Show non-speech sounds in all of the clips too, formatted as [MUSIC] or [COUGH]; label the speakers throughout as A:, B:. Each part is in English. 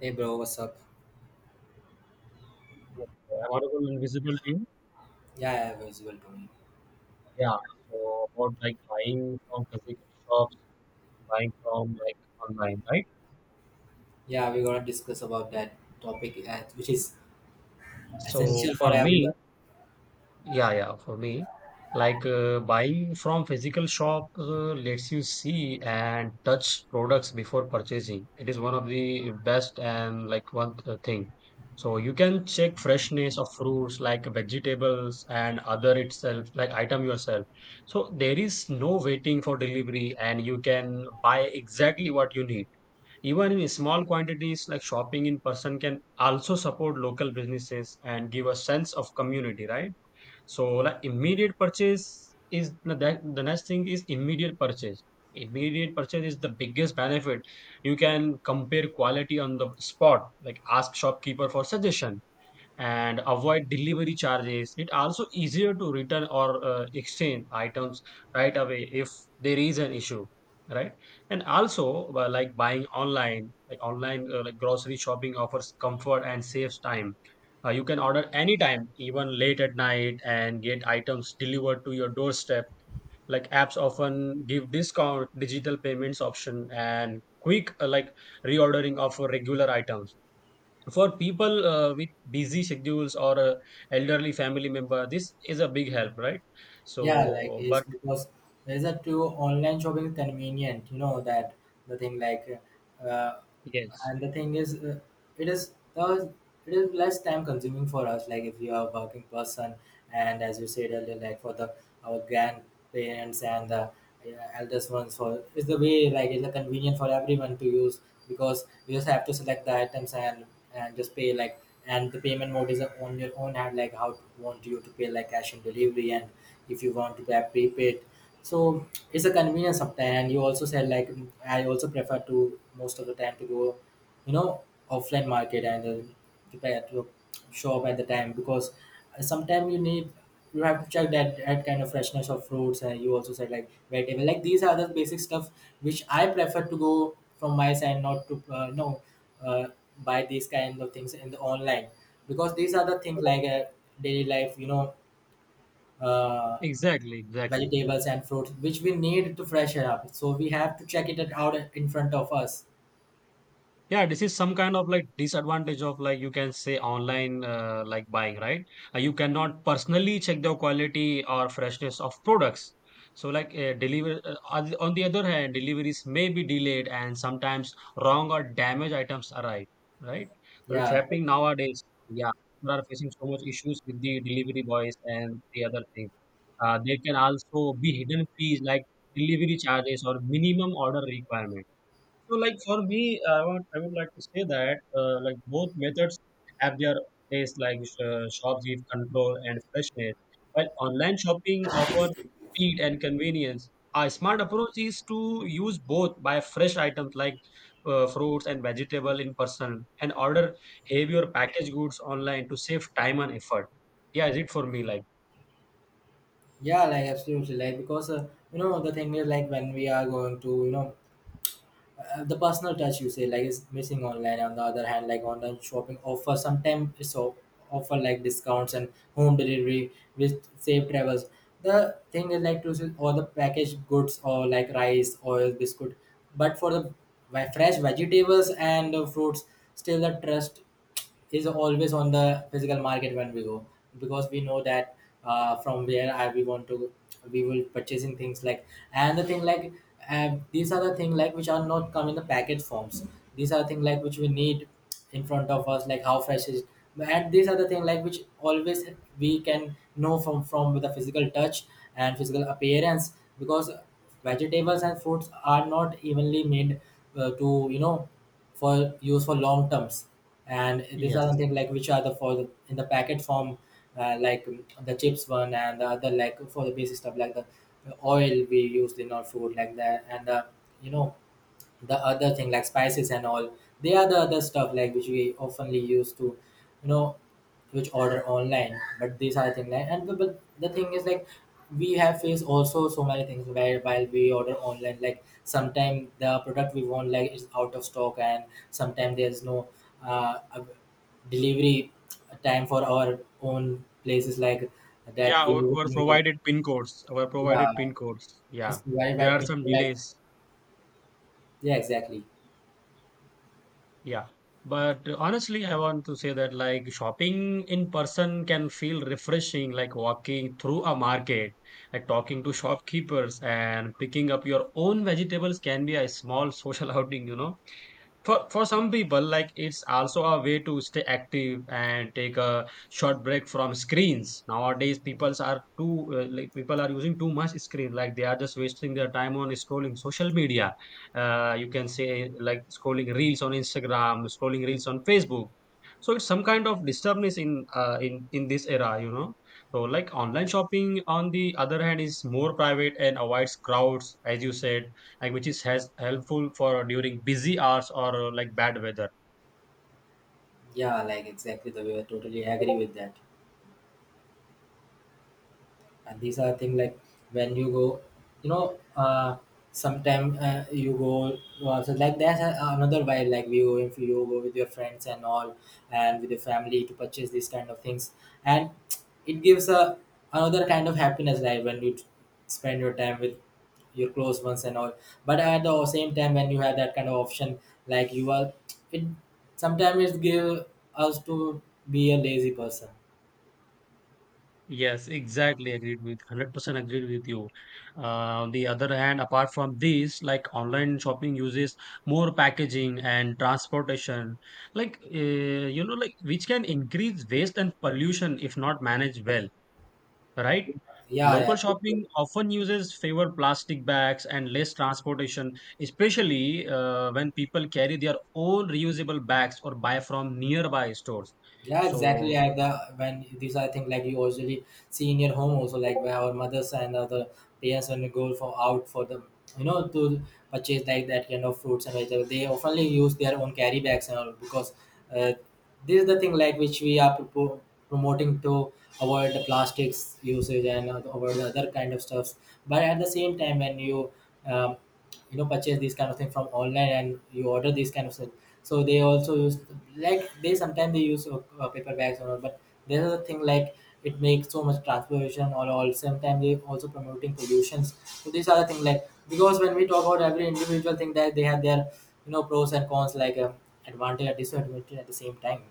A: Hey bro, what's up?
B: Yes, so about our invisible team.
A: Yeah, yeah, as well, Tony.
B: Yeah, so about like buying from physical shops, buying from like online, right?
A: Yeah, we're gonna discuss about that topic, which is
B: So
A: essential for
B: for me,
A: everyone.
B: Yeah, for me, like buying from physical shop lets you see and touch products before purchasing. It is one of the best and like one thing. So you can check freshness of fruits, like vegetables and other itself, like item yourself. So there is no waiting for delivery, and you can buy exactly what you need. Even in small quantities, like shopping in person can also support local businesses and give a sense of community, right? So like immediate purchase is the next thing is immediate purchase. Immediate purchase is the biggest benefit. You can compare quality on the spot, like ask shopkeeper for suggestion and avoid delivery charges. It also easier to return or exchange items right away if there is an issue, right? And also like buying online like grocery shopping offers comfort and saves time. You can order anytime, even late at night, and get items delivered to your doorstep. Like apps often give discount, digital payments option, and quick like reordering of regular items for people with busy schedules or elderly family member, this is a big help, right?
A: Yeah, like
B: So
A: it's
B: but
A: because there's a two online shopping is convenient. You know that the thing like, uh,
B: yes,
A: and the thing is it is uh, it is less time consuming for us, like if you are a working person, and as you said earlier, like for the our grandparents and the eldest ones, for it's the way like it's convenient for everyone to use because you just have to select the items and just pay, like, and the payment mode is on your own hand, like how want you to pay, like cash on delivery, and if you want to pay prepaid. So it's a convenience of time, and you also said like, I also prefer to most of the time to go, you know, offline market, and prepare to shop at the time because sometimes you need, you have to check that kind of freshness of fruits, and you also said like vegetable, like these are the basic stuff which I prefer to go from my side, not to no uh, buy these kind of things in the online, because these are the things like, daily life, you know. uh,
B: exactly.
A: Vegetables and fruits which we need to freshen up, so we have to check it out in front of us.
B: Yeah, this is some kind of like disadvantage of like you can say online like buying, right? You cannot personally check the quality or freshness of products. So like deliver on the other hand, deliveries may be delayed and sometimes wrong or damaged items arrive, right? So it's
A: Yeah,
B: happening nowadays. Yeah, people are facing so much issues with the delivery boys and the other things. There can also be hidden fees like delivery charges or minimum order requirement. So, like for me, I would like to say that like both methods have their place. Like shops give control and freshness, while online shopping offers speed and convenience. A smart approach is to use both, buy fresh items like fruits and vegetable in person, and order heavier packaged goods online to save time and effort. Yeah, is it for me like?
A: yeah, like absolutely, like because you know, the thing is like when we are going to, you know, the personal touch, you say like, is missing online. On the other hand, like online shopping offer sometimes, so offer like discounts and home delivery with safe travels. The thing is like to see all the packaged goods or like rice, oil, biscuit, but for the fresh vegetables and fruits, still the trust is always on the physical market when we go, because we know that, from where I, we want to, we will purchasing things like, and the thing like, these are the thing like which are not come in the package forms. These are the thing like which we need in front of us, like how fresh is, and these are the thing like which always we can know from with a physical touch and physical appearance, because vegetables and fruits are not evenly made to, you know, for use for long terms, and these are
B: Yes.
A: something like which are the for the, in the packet form, the chips one and the other, like for the basic stuff like the oil we used in our food, like that, and the, you know, the other thing like spices and all. They are the other stuff like which we oftenly use to, you know, which order online. But these are things like, but the thing is like we have faced also so many things where while we order online, like sometimes the product we want like is out of stock, and sometimes there's no uh, av- delivery time for our own places like, that
B: Yeah,
A: we
B: or
A: need like,
B: provided pin codes,
A: yeah,
B: Yeah,
A: it's provided
B: there
A: by
B: are some
A: people like,
B: delays.
A: yeah, exactly.
B: Yeah. But honestly, I want to say that like shopping in person can feel refreshing, like walking through a market, like talking to shopkeepers and picking up your own vegetables can be a small social [LAUGHS] outing. For some people, like it's also a way to stay active and take a short break from screens. Nowadays, people are too like people are using too much screen. Like they are just wasting their time on scrolling social media. You can say like scrolling reels on Instagram, scrolling reels on Facebook. So it's some kind of disturbance in this era, you know. So like online shopping, on the other hand, is more private and avoids crowds, as you said like which is has helpful for during busy hours or like bad weather.
A: Yeah, like exactly, the way I totally agree with that. And these are things like when you go, you know, sometime you go, so like that's a, another way, like we go, if you go with your friends and all, and with your family to purchase these kind of things. And it gives a another kind of happiness, like when you spend your time with your close ones and all. But at the same time, when you have that kind of option, like you are, it sometimes it give us to be a lazy person.
B: Yes, exactly, agreed with 100% agreed with you. On the other hand, apart from these, like online shopping uses more packaging and transportation, like you know, like which can increase waste and pollution if not managed well, right?
A: Yeah, yeah,
B: Local shopping
A: totally.
B: often uses fewer plastic bags and less transportation, especially when people carry their own reusable bags or buy from nearby stores.
A: Yeah, exactly.
B: So,
A: Like the when these are things like you usually see in your home also, like where our mothers and other parents when they go for out for the, you know, to purchase like that kind of fruits and vegetables, they oftenly use their own carry bags and all because, uh, this is the thing like which we are promoting to avoid the plastics usage and avoid the other kind of stuffs. But at the same time, when you, um, you know, purchase these kind of thing from online and you order these kind of stuff, so they also use, like they sometimes they use paper bags or all, but there's a thing like it makes so much transportation or all, sometimes they also promoting pollutions. So these are the thing like, because when we talk about every individual thing, that they have their, you know, pros and cons, like advantage and disadvantage at the same time.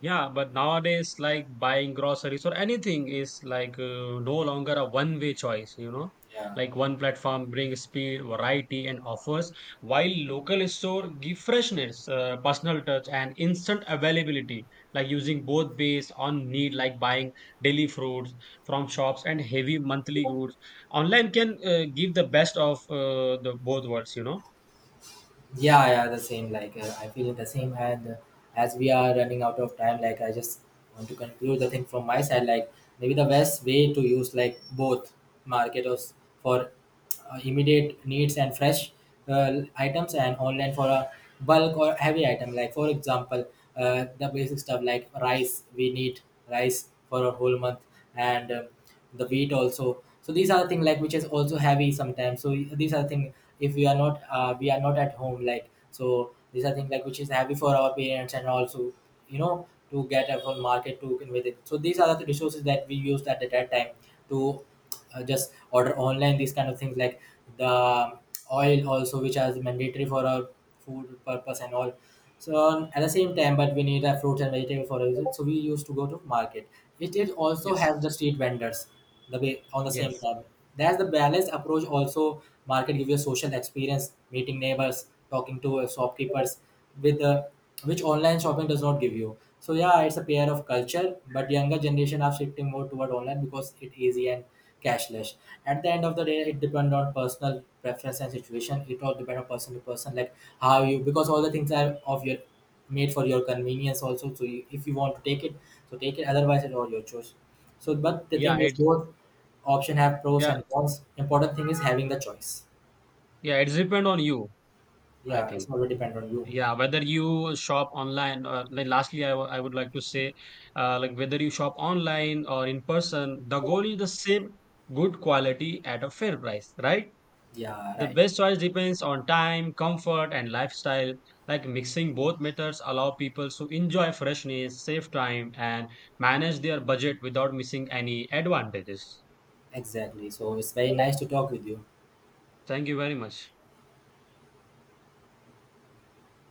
B: yeah, but nowadays, like buying groceries or anything is like no longer a one-way choice, you know.
A: Yeah.
B: Like one platform brings speed, variety, and offers, while local store give freshness, personal touch, and instant availability. Like using both based on need, like buying daily fruits from shops and heavy monthly goods. Online can give the best of the both worlds, you know.
A: Yeah, yeah, the same. Like I feel the same, and as we are running out of time, like I just want to conclude the thing from my side. Like maybe the best way to use like both marketers for immediate needs and fresh items, and online for a bulk or heavy item. Like for example, the basic stuff like rice. We need rice for a whole month, and the weight also, so these are the thing like which is also heavy sometimes. So these are the thing, if we are not we are not at home, like so these are things like which is heavy for our parents and also, you know, to get a full market to convey it. So these are the resources that we used at that time to just order online these kind of things, like the oil also, which is mandatory for our food purpose and all. So at the same time, but we need a fruits and vegetable for it, so we used to go to market. It is also has
B: Yes.
A: the street vendors, the way on the same
B: Yes.
A: time. That's the balanced approach also. Market give you a social experience, meeting neighbors, talking to shopkeepers with the, which online shopping does not give you. So yeah, it's a pair of culture, but younger generation are shifting more toward online because it's easy and cashless. At the end of the day, it depends on personal preference and situation. It all depends on person to person, like how you, because all the things are of your made for your convenience also. So you, if you want to take it, so take it. Otherwise, it's all your choice. So, but the
B: Yeah.
A: thing is,
B: It.
A: both option have pros
B: Yeah.
A: and cons. Important thing is having the choice.
B: Yeah. It's depend on you, I
A: Yeah, it's
B: think.
A: always depend on you.
B: Yeah, whether you shop online, or like lastly, I would like to say, like whether you shop online or in person, the goal is the same, good quality at a fair price, right?
A: Yeah,
B: The
A: right.
B: best choice depends on time, comfort, and lifestyle. Like mixing both methods allow people to enjoy freshness, save time, and manage their budget without missing any advantages.
A: Exactly. So it's very nice to talk with you.
B: Thank you very much.